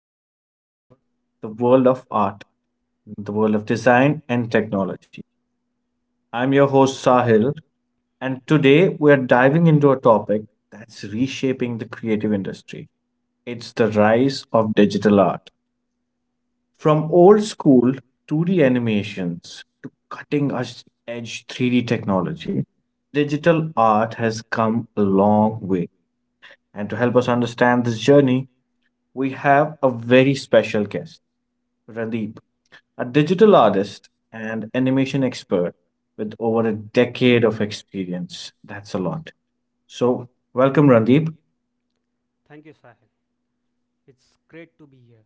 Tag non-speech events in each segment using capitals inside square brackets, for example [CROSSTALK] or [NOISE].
where we explore the world of art, the world of design and technology. I'm your host Sahil, and today we are diving into a topic that's reshaping the creative industry. It's the rise of digital art. From old school 2D animations to cutting edge 3D technology, digital art has come a long way. And to help us understand this journey, we have a very special guest, Radeep, a digital artist and animation expert with over a decade of experience. That's a lot. So, welcome, Radeep. Thank you, Sahil. It's great to be here.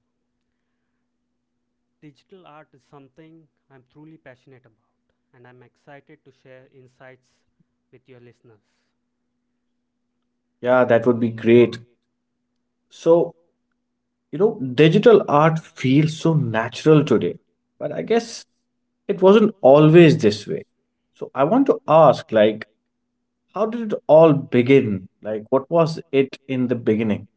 Digital art is something I'm truly passionate about, and I'm excited to share insights with your listeners. Yeah, that would be great. So, Digital art feels so natural today, but I guess it wasn't always this way. So, I want to ask, how did it all begin? Like, what was it in the beginning?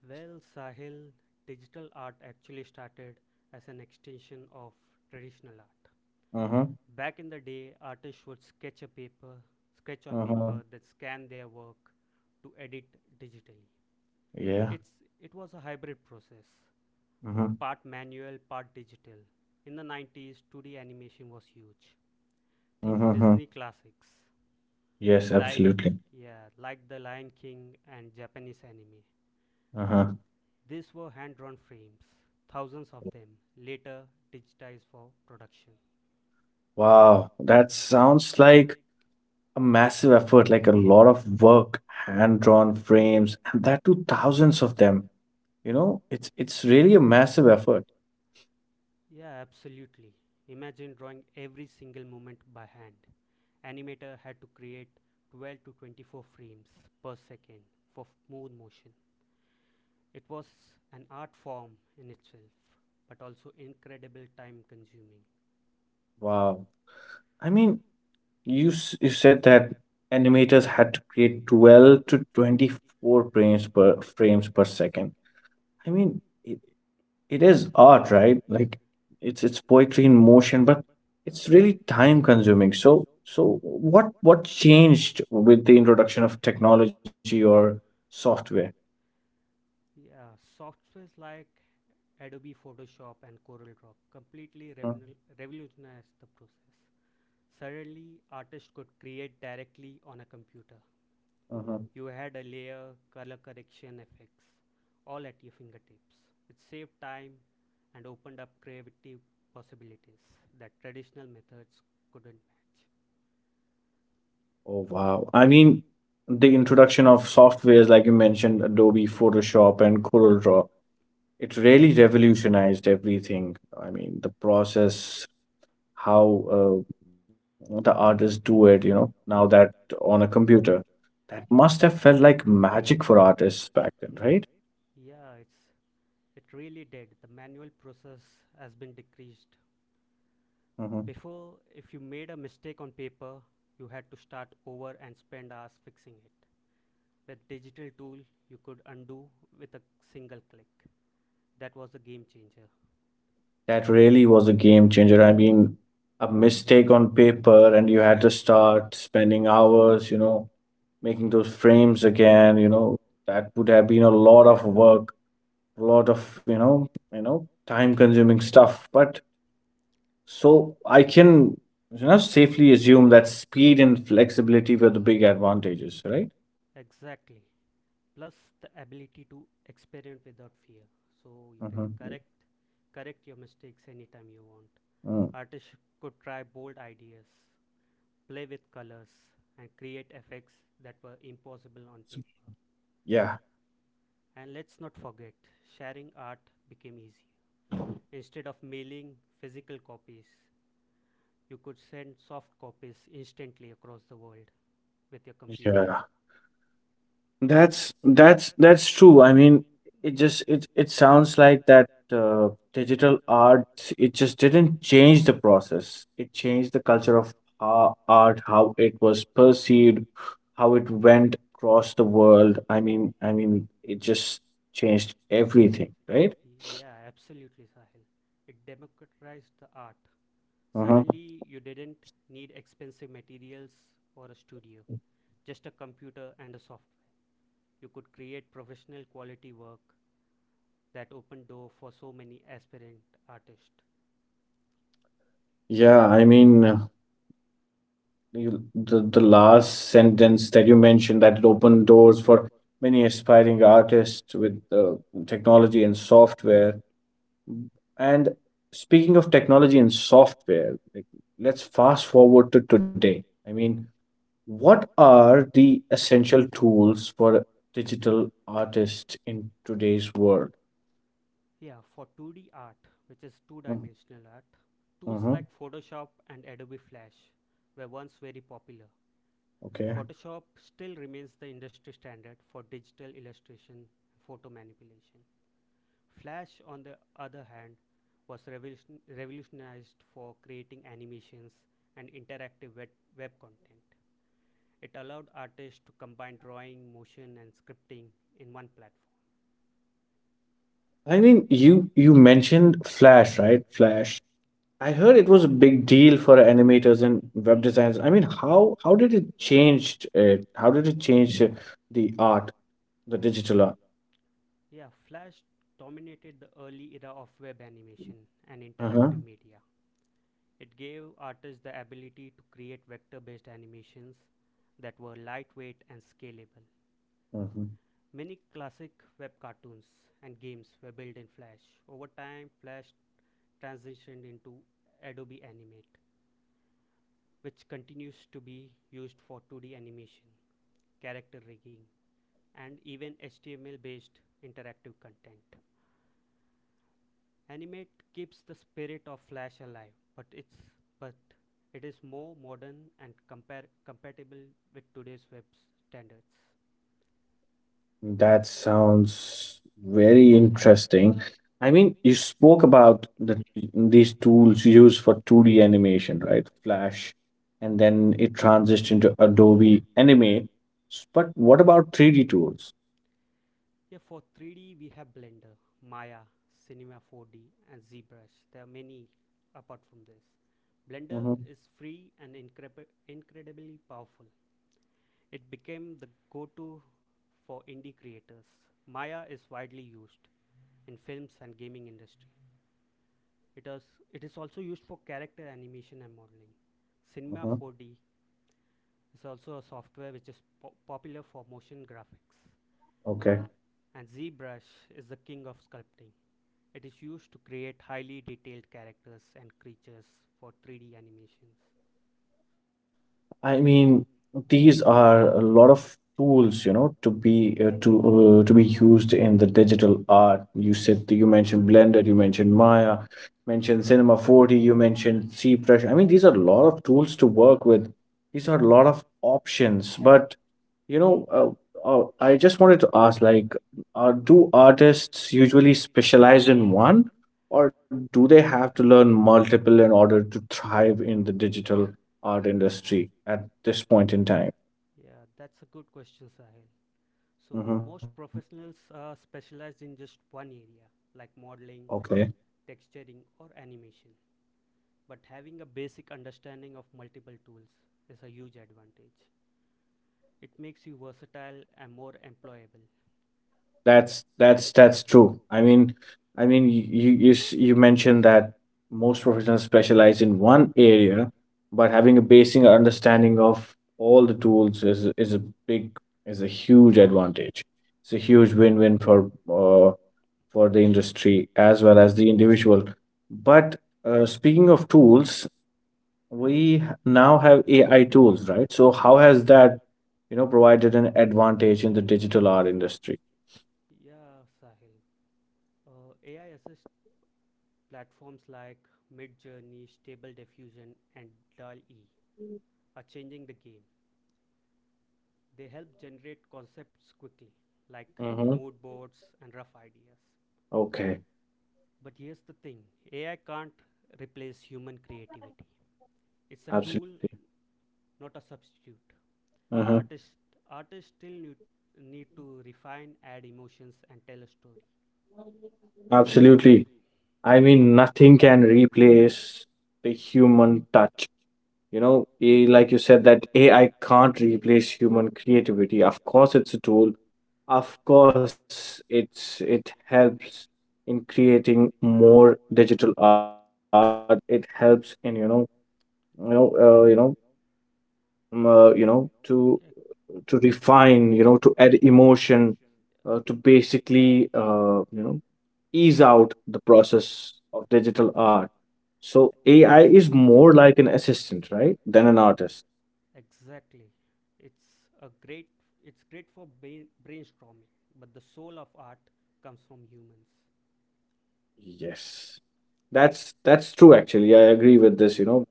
Well, Sahil, digital art actually started as an extension of traditional art. Mm-hmm. Back in the day, artists would sketch on Mm-hmm. paper, then scan their work to edit digitally. Yeah. It's it was a hybrid process, part manual, part digital. In the 90s, 2D animation was huge. Think Mm-hmm. Disney classics. Yes, yeah, Like absolutely. yeah, like The Lion King and Japanese anime. Uh-huh. These were hand-drawn frames, thousands of them, later digitized for production. Wow, that sounds like a massive effort, like a lot of work, hand-drawn frames, and that too thousands of them. You know, it's really a massive effort. Yeah, absolutely. Imagine drawing every single moment by hand. Animator had to create 12 to 24 frames per second for smooth motion. It was an art form in itself, but also incredible time consuming. Wow. I mean, you said that animators had to create 12 to 24 frames per second. I mean, it is art, right? Like it's poetry in motion, but it's really time consuming. So what changed with the introduction of technology or software? Yeah, softwares like Adobe Photoshop and CorelDRAW completely Huh? Revolutionized the process. Suddenly, artists could create directly on a computer. Uh-huh. You had a layer, color correction effects, all at your fingertips. It saved time and opened up creative possibilities that traditional methods couldn't match. Oh wow. I mean, the introduction of softwares like you mentioned, Adobe Photoshop and Corel Draw, it really revolutionized everything. I mean, the process, how the artists do it, you know, now that on a computer. That must have felt like magic for artists back then, right? Yeah, it really did. The manual process has been decreased. Mhm. Before, if you made a mistake on paper, you had to start over and spend hours fixing it. With digital tool, you could undo with a single click. That was a game changer. That really was a game changer. I mean, a mistake on paper, and you had to start spending hours, you know, making those frames again, you know, that would have been a lot of work, a lot of, time-consuming stuff. But so I can, you know, safely assume that speed and flexibility were the big advantages, right? Exactly. Plus the ability to experiment without fear. So you can Mm-hmm. correct your mistakes anytime you want. Mm. Artists could try bold ideas, play with colors, and create effects that were impossible on So, paper. yeah. And let's not forget, sharing art became easy. Instead of mailing physical copies, you could send soft copies instantly across the world with your computer. Yeah. That's true. I mean, it just it sounds like that digital art it just didn't change the process. It changed the culture of how art, how it was perceived, how it went across the world. I mean, it just changed everything, right? Yeah, absolutely, Sahil. It democratized the art. Uh-huh. Suddenly, you didn't need expensive materials or a studio, just a computer and a software. You could create professional quality work that opened door for so many aspirant artists. Yeah, the last sentence that you mentioned that it opened doors for many aspiring artists with technology and software. And speaking of technology and software, let's fast forward to today. I mean, what are the essential tools for a digital artists in today's world? Yeah, for 2D art, which is two Mm-hmm. dimensional art, tools Mm-hmm. like Photoshop and Adobe Flash were once very popular. Okay. Photoshop still remains the industry standard for digital illustration and photo manipulation. Flash, on the other hand, was revolutionized for creating animations and interactive web content. It allowed artists to combine drawing, motion, and scripting in one platform. I mean, you mentioned Flash, right? Flash, I heard it was a big deal for animators and web designers. I mean, how did it change it? How did it change the art, the digital art? Yeah, Flash dominated the early era of web animation and interactive Uh-huh. media. It gave artists the ability to create vector based animations that were lightweight and scalable. Hmm. Many classic web cartoons and games were built in Flash. Over time, Flash transitioned into Adobe Animate, which continues to be used for 2D animation, character rigging, and even HTML based interactive content. Animate keeps the spirit of Flash alive, but it is more modern and compare compatible with today's web standards. That sounds very interesting. I mean, you spoke about these tools used for 2D animation, right? Flash, and then it transitioned into Adobe Mm. Animate. But what about 3D tools? Yeah, for 3D we have Blender, Maya, Cinema 4D, and ZBrush. There are many apart from this. Blender Mm-hmm. is free and incredibly powerful. It became the go-to for indie creators. Maya is widely used in films and gaming industry. It is, it is also used for character animation and modeling. Cinema Mm-hmm. 4D is also a software which is popular for motion graphics. Okay. And ZBrush is the king of sculpting. It is used to create highly detailed characters and creatures for 3D animations. I mean, these are a lot of tools, you know, to be used in the digital art. You said you mentioned Blender, you mentioned Maya, mentioned Cinema 4D, you mentioned c ZBrush. I mean, these are a lot of tools to work with. These are a lot of options, but you know, uh, I just wanted to ask, do artists usually specialize in one, or do they have to learn multiple in order to thrive in the digital art industry at this point in time? Yeah, that's a good question, Sahil. So, Mm-hmm. most professionals are specialized in just one area, like modeling, Okay. texturing, or animation. But having a basic understanding of multiple tools is a huge advantage. It makes you versatile and more employable. That's true. I mean, you mentioned that most professionals specialize in one area, but having a basic understanding of all the tools big is a huge advantage. It's a huge win-win for the industry as well as the individual. But speaking of tools, now have AI tools, right? So how has that, you know, provided an advantage in the digital art industry? Yeah, Sahil. AI assist platforms like Midjourney, Stable Diffusion, and dall e Mm. are changing the game. They help generate concepts quickly, like Mm-hmm. mood boards and rough ideas. Okay, But here's the thing: AI can't replace human creativity. It's a tool, absolutely. not a substitute. Uh-huh. Artists, Artists need to refine, add emotions, and tell a story. Absolutely. I mean, nothing can replace the human touch. You know, like you said, that AI can't replace human creativity. Of course, it's a tool. Of course, it's it helps in creating more digital art. It helps in you know you know you know you know Yeah, to refine, you know, to add emotion, to basically, you know, ease out the yeah, process of digital art. So AI is more like an assistant, right, than an artist. exactly. It's a great. It's great for brainstorming, but the soul of art comes from humans. Yes. That's true actually. I agree with this, you know.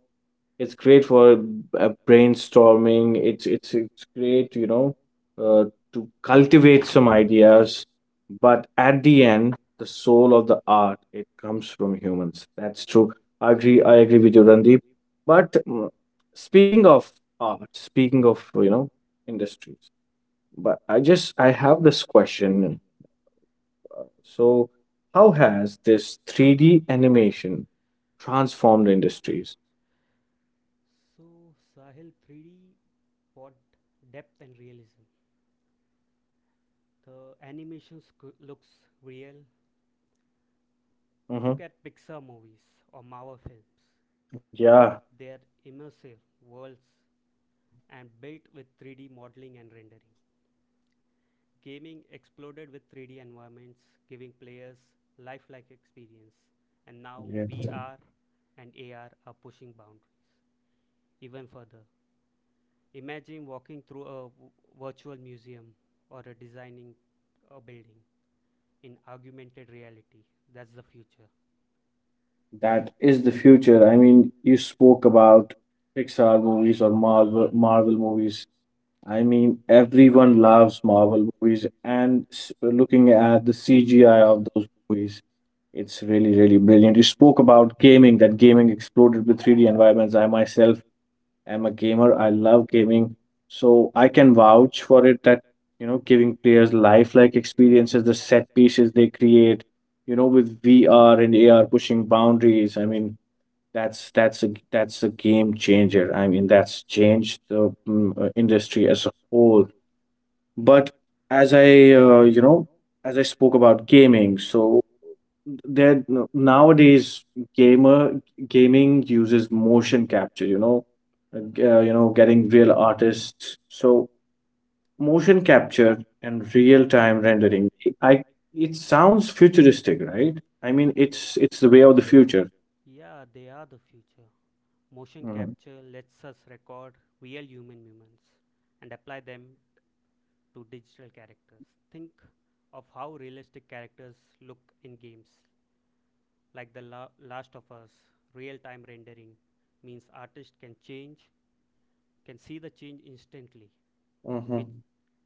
It's great for brainstorming. It's great, you know, uh, to cultivate some ideas. But at the end, the soul of the art it comes from humans. That's true. I agree. I agree with you, Randeep. But speaking of art, speaking of, you know, industries, but I just I have this question. So, how has this three D animation transformed industries? So Sahil, 3D brought depth and realism. The animations looks real. Mm-hmm. Look at Pixar movies or Marvel films. Yeah. Yeah. Their immersive worlds and built with 3D modeling and rendering. Gaming exploded with 3D environments, giving players lifelike experience, and now Yeah. VR and AR are pushing boundaries even further. Imagine walking through a virtual museum or a designing a building in augmented reality. That's the future. That is the future. I mean, you spoke about Pixar movies or Marvel movies. I mean, everyone loves Marvel movies, and looking at the CGI of those movies, it's really, really brilliant. You spoke about gaming, that gaming exploded with 3D environments. I myself am a gamer. I love gaming, so I can vouch for it that, you know, giving players lifelike experiences, the set pieces they create, you know, with VR and AR pushing boundaries. I mean, that's a game changer. I mean, that's changed the industry as a whole. But as I, as I spoke about gaming, so there nowadays gamer gaming uses motion capture. You know, getting real artists. So motion capture and real time rendering. I It sounds futuristic, right? I mean, it's the way of the future. Yeah, they are the future. Motion Mm-hmm. capture lets us record real human movements and apply them to digital characters. Think of how realistic characters look in games, like The Last of Us. Real time rendering means artists can see the change instantly, Mm-hmm. which,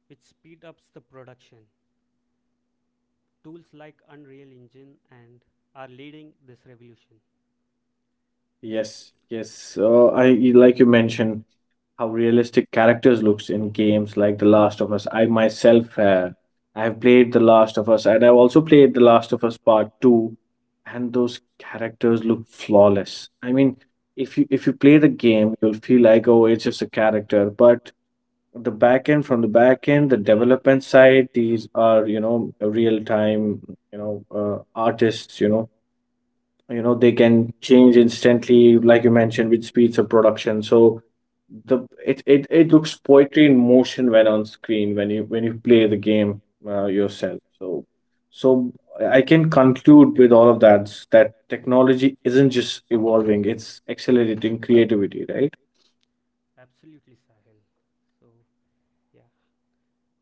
which speed ups the production. Tools like Unreal Engine and are leading this revolution. Yes, yes. I like you mentioned how realistic characters looks in games like The Last of Us. I myself, I have played The Last of Us, and I've also played The Last of Us Part Two, and those characters look flawless. I mean, if you play the game, you'll feel like oh, it's just a character, but the back end from the back end, the development side, these are, you know, real time, artists, they can change instantly like you mentioned with speeds of production. So it looks poetry in motion when on screen when you play the game yourself. So I can conclude with all of that that technology isn't just evolving, it's accelerating creativity, right? Absolutely, Sahil. So, yeah,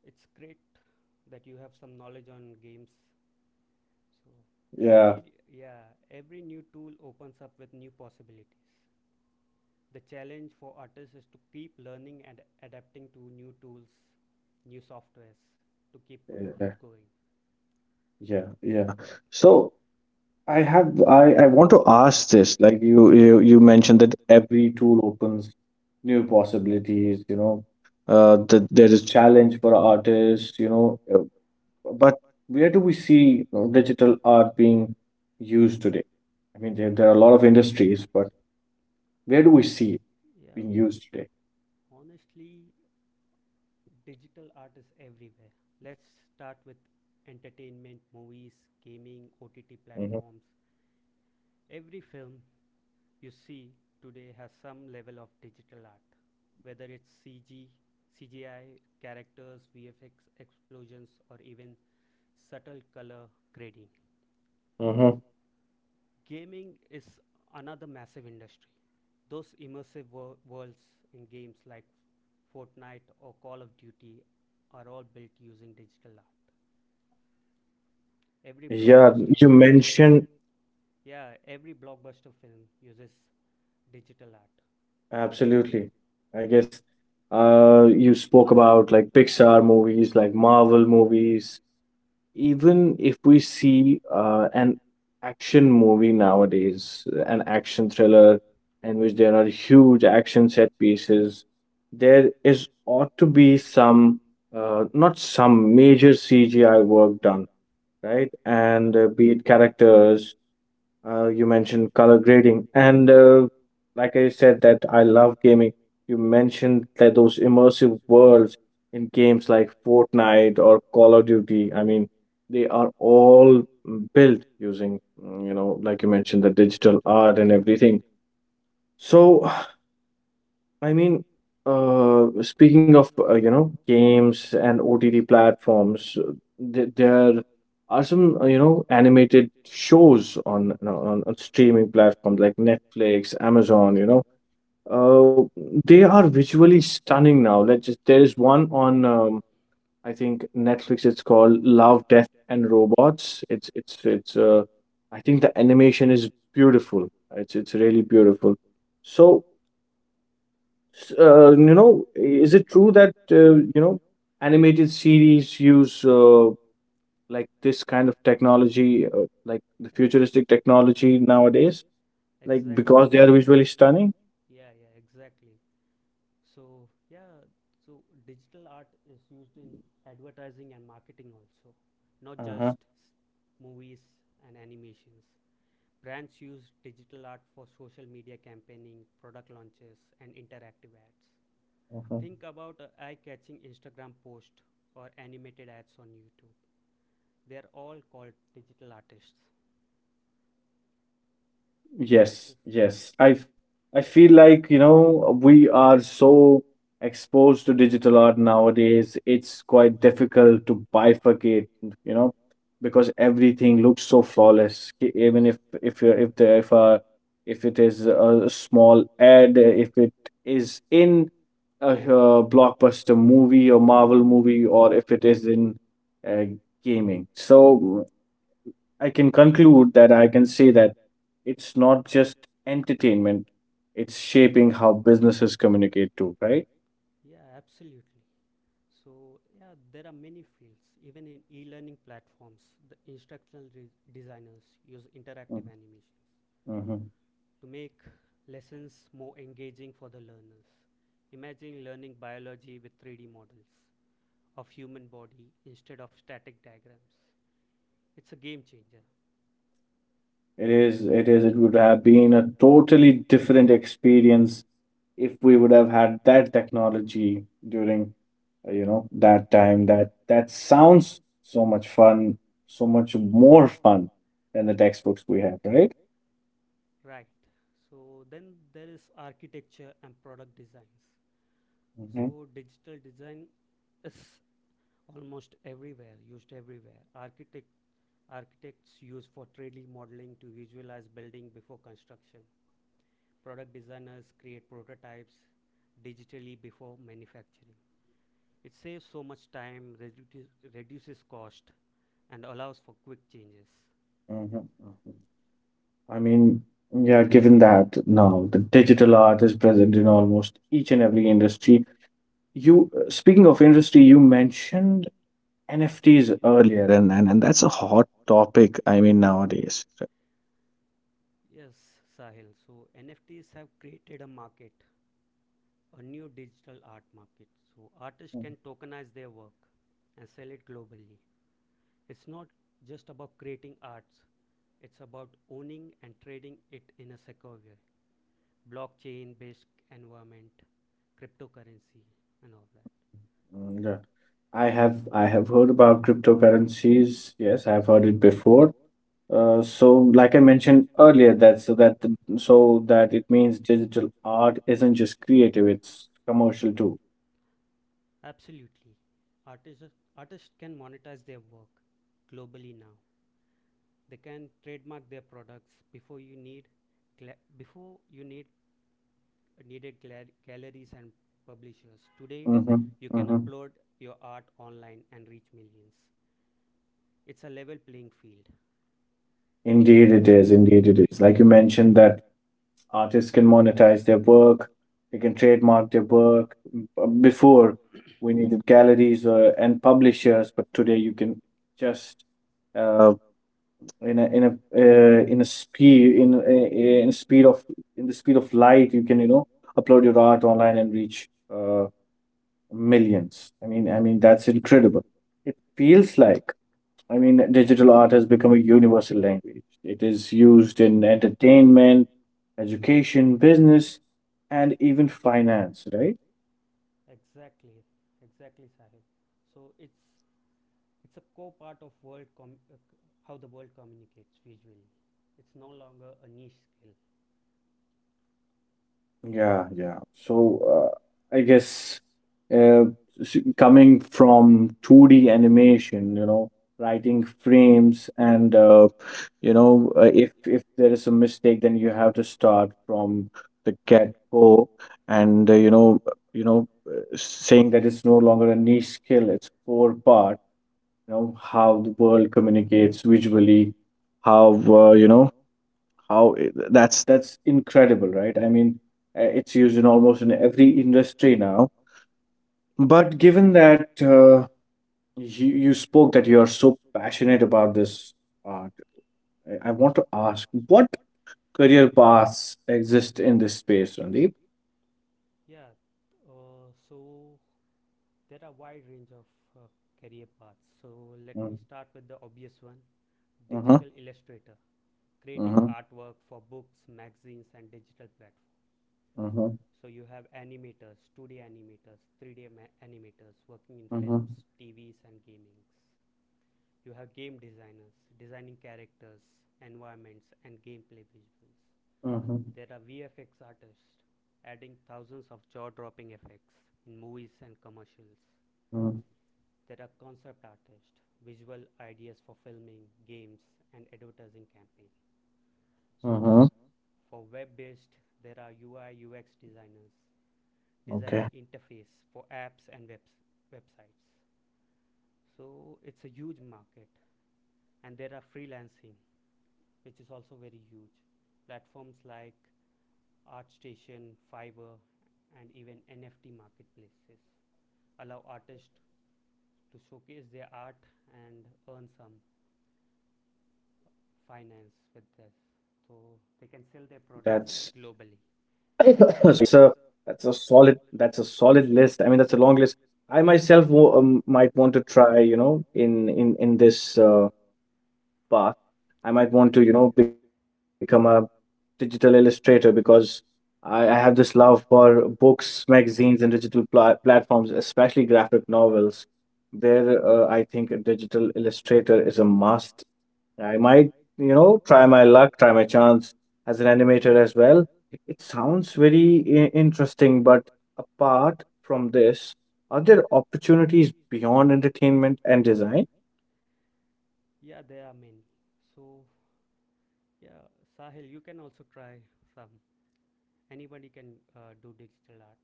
it's great that you have some knowledge on games. So, yeah every yeah every new tool opens up with new possibilities. The challenge for artists is to keep learning and adapting to new tools, new softwares, to keep yeah that going. Yeah. So I want to ask this. Like, you you mentioned that every tool opens new possibilities, you know, that there is challenge for artists, you know, but where do we see, you know, digital art being used today? I mean, there are a lot of industries, but where do we see it Yeah being used today? honestly, digital art is everywhere. Let's start with entertainment: movies, Hmm. gaming, OTT platforms. Every film you see today has some level of digital art, whether it's cg CGI characters, VFX explosions, or even subtle color grading. Hmm. Gaming is another massive industry. Those immersive worlds in games like Fortnite or Call of Duty are all built using digital art. Every Yeah, Yeah, you blockbuster, yeah, mentioned. yeah, every blockbuster film uses digital art. Absolutely. I guess you spoke about like Pixar movies, like Marvel movies. Even if we see an action movie nowadays, an action thriller in which there are huge action set pieces, there is ought to be some, not some major CGI work done, right? And be it L- characters, you mentioned color grading and like I said that I love gaming. You mentioned that those immersive worlds in games like Fortnite or Call of Duty, I mean, they are all built using, you know, like you mentioned, the digital art and everything. So I mean, speaking of, you know, games and OTT platforms, th there are some, you know, animated shows on, you know, on streaming platforms like Netflix, Amazon. You know, uh, they are visually stunning now. Let's just There is one on I think Netflix. It's called Love, Death and Robots. It's I think the animation is beautiful. It's really beautiful. So you know, is it true that, you know, K- animated series use, like this kind of technology, like the e- futuristic technology nowadays, like Exactly. because they are visually stunning? Yeah, exactly. So, yeah, so digital art is used in advertising and marketing also, not just Uh-huh. s- movies and animations. Brands use digital art for social media campaigning, product launches, and interactive ads. Uh-huh. Think about a eye catching Instagram post or animated ads on YouTube. They are all called digital artists. So, Yes, So yes. I feel like, you know, we are so exposed to digital art nowadays. It's quite difficult to bifurcate, you know, because everything looks so flawless. Even if you if the if it is a small ad, if it is in a blockbuster movie or Marvel movie, or if it is in uh, gaming. So I can conclude that I can say that it's not just entertainment, it's shaping how businesses communicate too, right? Yeah, absolutely. So, yeah, there are many fields. Even in e learning platforms, the instructional designers use interactive Mm-hmm. animations Mm-hmm. to make lessons more engaging for the learners. Imagine learning biology with 3D models of human body instead of static diagrams. It's a game changer, It is, it is, it would have been a totally different experience if we would have had that technology during that time. That sounds so much fun, so much more fun than the textbooks we have, right right? So then there is architecture and product designs. hmm So digital design is almost everywhere, used everywhere. Architects use for 3D modeling to visualize building before construction. Product designers create prototypes digitally before manufacturing. It saves so much time, reduces cost, and allows for quick changes. hmm i mean yeah, given that now the digital art is present in almost each and every industry. You Speaking of industry, you mentioned NFTs earlier, and that's a hot topic, nowadays, right? Yes, Sahil. So NFTs have created a market, a new digital art market. So artists Mm. can tokenize their work and sell it globally. It's not just about creating arts, it's about owning and trading it in a secure way. Blockchain based environment, cryptocurrency, and all that. Mm, yeah. I have heard about cryptocurrencies. Yes, I've heard it before. Like I mentioned earlier, that so that the, so that it means digital art isn't just creative; it's commercial too. Absolutely. Artists, Artists can monetize their work globally now. They can trademark their products. Before you needed galleries and publishers. Today, Mm-hmm, you can mm-hmm. upload your art online and reach millions. It's a level playing field. Indeed, it is. Indeed, it is. Like you mentioned, that artists can monetize their work, they can trademark their work. Before, we needed galleries and publishers, but today you can just uh, in a in a in a speed of in the speed of light, you can upload your art online and reach millions. I mean, that's incredible. It feels like, digital art has become a universal language. It is used in entertainment, education, business, and even finance, right? Exactly, exactly, Sahil. So it's a core part of how the world communicates visually. It's no longer a niche skill. Yeah, yeah. So I guess uh, coming from 2D animation, you know, writing frames, and if there is a mistake, then you have to start from the get go, and saying that it's no longer a niche skill, it's core part. You know, how the world communicates visually, how that's incredible, right? It's used in almost in every industry now. But given that you spoke that you are so passionate about this art, I want to ask, what career paths exist in this space, Randeep? Yeah. So there are wide range of uh, career paths. So let me Mm, start with the obvious one: huh. digital illustrator, Uh creating huh. artwork for books, magazines, and digital platforms. Uh So you have animators, 2D animators, 3D animators working in huh. films, TVs, and gamings. You have game designers designing characters, environments, and gameplay visuals. There are VFX artists adding thousands of jaw dropping effects in movies and commercials. There are concept artists, visual ideas for filming, games, and advertising campaign. Uh So, huh. for web based, there are UI UX designers designing Okay, interface for apps and websites. So, it's a huge market, and there are freelancing which is also very huge. Platforms like ArtStation, Fiverr, and even NFT marketplaces allow artists to showcase their art and earn some finance with that's this. So they can sell [LAUGHS] [COUGHS] their sorry, products that's a globally. that's a solid that's a solid list. I mean, that's a long list. I might Yeah. want to try, you know, in this path. I might want to, you know, become a digital illustrator because I have this love for books, magazines, and digital platforms, especially graphic novels. There, I think a digital illustrator is a must. I might, you know, try my luck, try my chance as an animator as well. It sounds very interesting, but apart from this, are there opportunities beyond entertainment and design? Yeah, there are many. So, yeah, Sahil, you can also try some. Anybody can do digital art.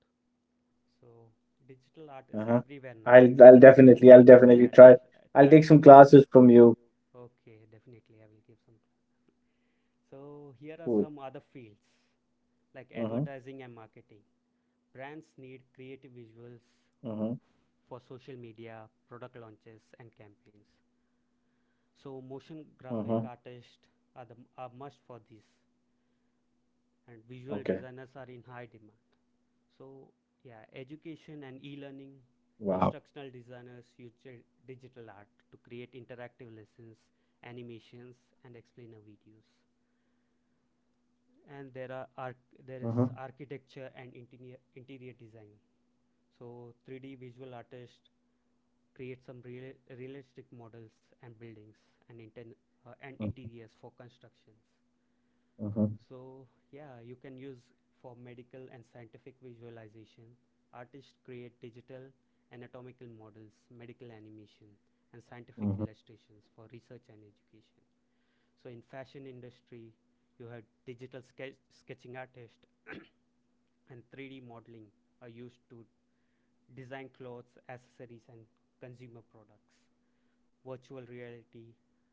So Uh-huh. digital art is everywhere now. I'll definitely try. I'll Yeah, take some try. tr- classes try. from it. you. Okay, definitely I will give some. So Cool. here are some other fields like Uh-huh. advertising and marketing. Brands Uh-huh. need creative visuals for social media, product launches and campaigns. Uh-huh. So motion graphic artists are must for these, Okay. and visual designers are in high demand. So, Wow. Wow. yeah, education and e-learning: instructional designers use digital art to create interactive lessons, animations, and explainer videos. Uh-huh. And there are arch- there is architecture and interior design. So 3D visual artists create realistic models and buildings and interiors for constructions. Uh-huh. So, yeah, you can use for medical and scientific visualization. Artists create digital anatomical models, medical animation, and scientific Uh-huh. illustrations for research and education. So, in fashion industry, you have sketching artist [COUGHS] and 3D modeling are used to design clothes, accessories, and consumer products. Virtual reality,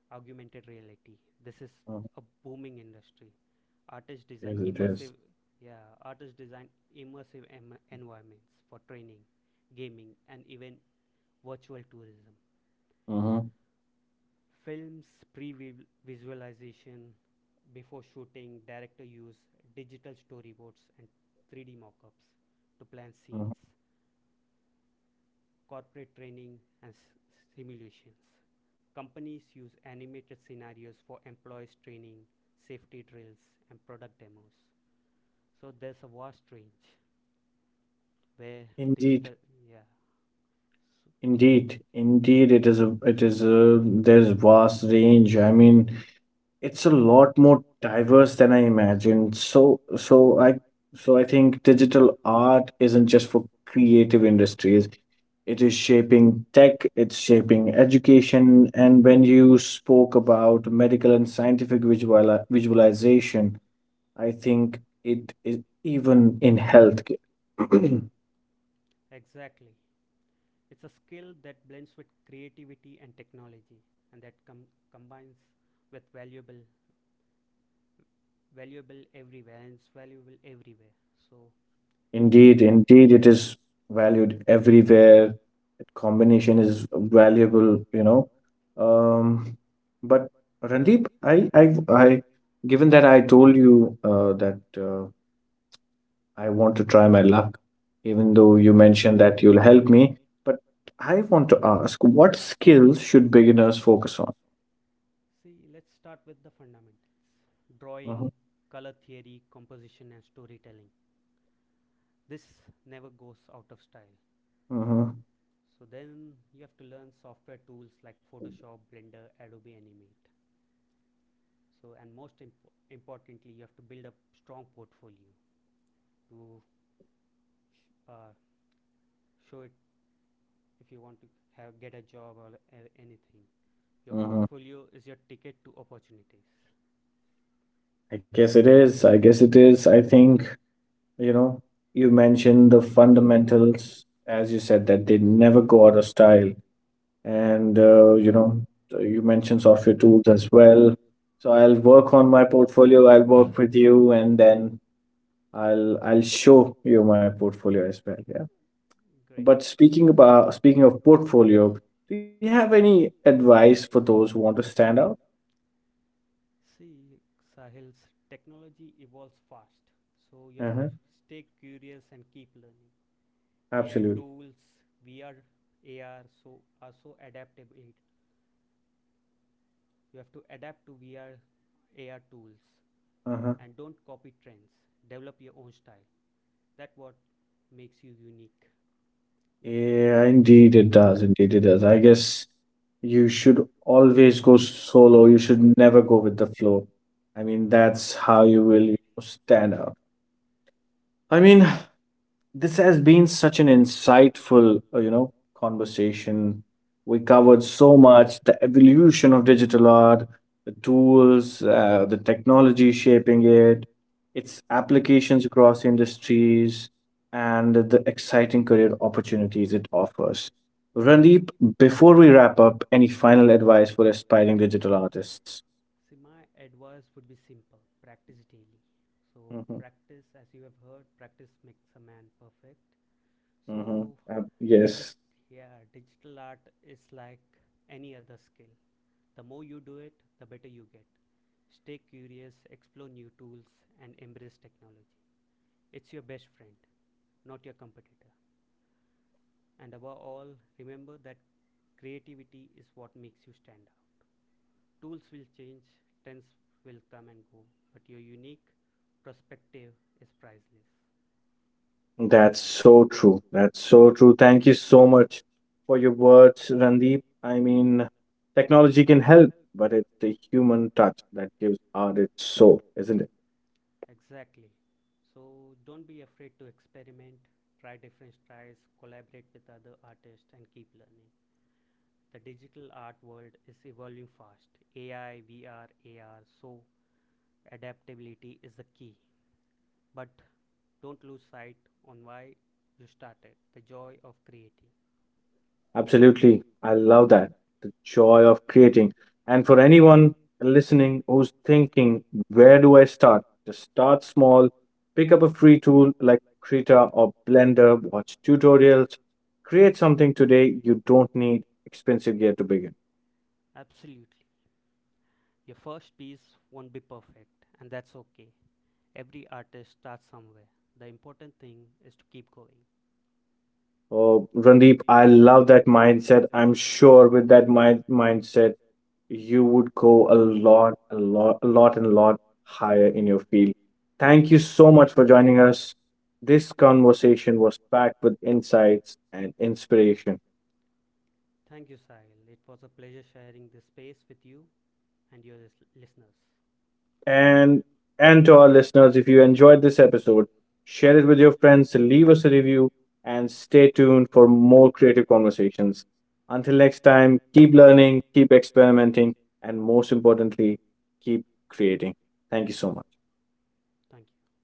augmented reality: this is Uh-huh. a booming industry. Artists It design is. It immersive, is. yeah, Artists design immersive environments for training, gaming, and even virtual tourism. Uh-huh. Films pre-visualization before shooting, director use digital storyboards and 3D mock-ups to plan Uh-huh. scenes. Corporate training and simulations: companies use animated scenarios for employees' training, safety drills, and product demos. So there's a vast range where Indeed. digital, yeah, so Indeed, indeed, there's vast range. I mean, it's a lot more diverse than I imagined. So I think digital art isn't just for creative industries. It is shaping tech, it's shaping education, and when you spoke about medical and scientific visualization, I think it is even in healthcare. [CLEARS THROAT] exactly. It's a skill that blends with creativity and technology, and combines with valuable everywhere, and it's valuable everywhere. So that's Indeed, great. indeed, it is valued everywhere. That combination is valuable, you know. Um, but Randeep, I, given that I told you that I want to try my luck, even though you mentioned that you'll help me, but I want to ask, what skills should beginners focus on? See, let's start with the fundamentals: Mm-hmm, drawing, color theory, composition, and storytelling. This never goes out of style. mm-hmm, So, then you have to learn software tools like Photoshop, Blender, Adobe Animate. So, and most importantly, you have to build a strong portfolio to uh, show it if you want to get a job or anything. Your mm-hmm. portfolio is your ticket to opportunities. I guess it is. I guess it is. I think, you know, you mentioned the fundamentals, as you said that they never go out of style, and you know, you mentioned software tools as well, so I'll work on my portfolio, I'll work with you, and then I'll show you my portfolio as well. Yeah, but Great. Speaking of portfolio, do you have any advice for those who want to stand out? See, Sahil's technology evolves fast, so you have to Uh-huh. stay curious and keep learning. AI Absolutely. tools, VR, AR, so are so adaptable. You have to adapt to VR, AR tools, Uh-huh. and don't copy trends. Develop your own style. That what makes you unique. Yeah, indeed it does. I guess you should always go solo. You should never go with the flow. I mean, that's how you will, you know, stand out. I mean, this has been such an insightful, you know, conversation. We covered so much, the evolution of digital art, the tools, the technology shaping it, its applications across industries, and the exciting career opportunities it offers. Randeep, before we wrap up, any final advice for aspiring digital artists? See, my advice would be simple: practice daily. So Hmm. practice, as you have heard, practice makes a man perfect. Hmm. So Yes. Digit Yes. Yeah, digital art is like any other skill. The more you do it, the better you get. Stay curious, explore new tools and embrace technology. It's your best friend, not your competitor. And above all, remember that creativity is what makes you stand out. Tools will change, trends will come and go, but your unique perspective is priceless. That's so true. That's so true. Thank you so much for your words, Randeep. I mean, technology can help, but it's the human touch that gives art its soul, isn't it? Exactly. So don't be afraid to experiment, try different styles, collaborate with other artists, and keep learning. The digital art world is evolving fast. AI, VR, AR, so adaptability is the key. But don't lose sight on why you started the joy of creating. Absolutely. I love that. The joy of creating. And for anyone listening who's thinking, where do I start? Just start small. Pick up a free tool like Krita or Blender, watch tutorials, create something today. You don't need expensive gear to begin. Absolutely. Your first piece won't be perfect, and that's okay. Every artist starts somewhere. The important thing is to keep going. Oh, Randeep, I love that mindset. I'm sure with that mindset, you would go a lot higher in your field. Thank you so much for joining us. This conversation was packed with insights and inspiration. Thank you, Sahil. It was a pleasure sharing this space with you and your listeners. And and to our listeners, if you enjoyed this episode, share it with your friends, leave us a review, and stay tuned for more creative conversations. Until next time, keep learning, keep experimenting, and most importantly, keep creating. Thank you so much. Thank you.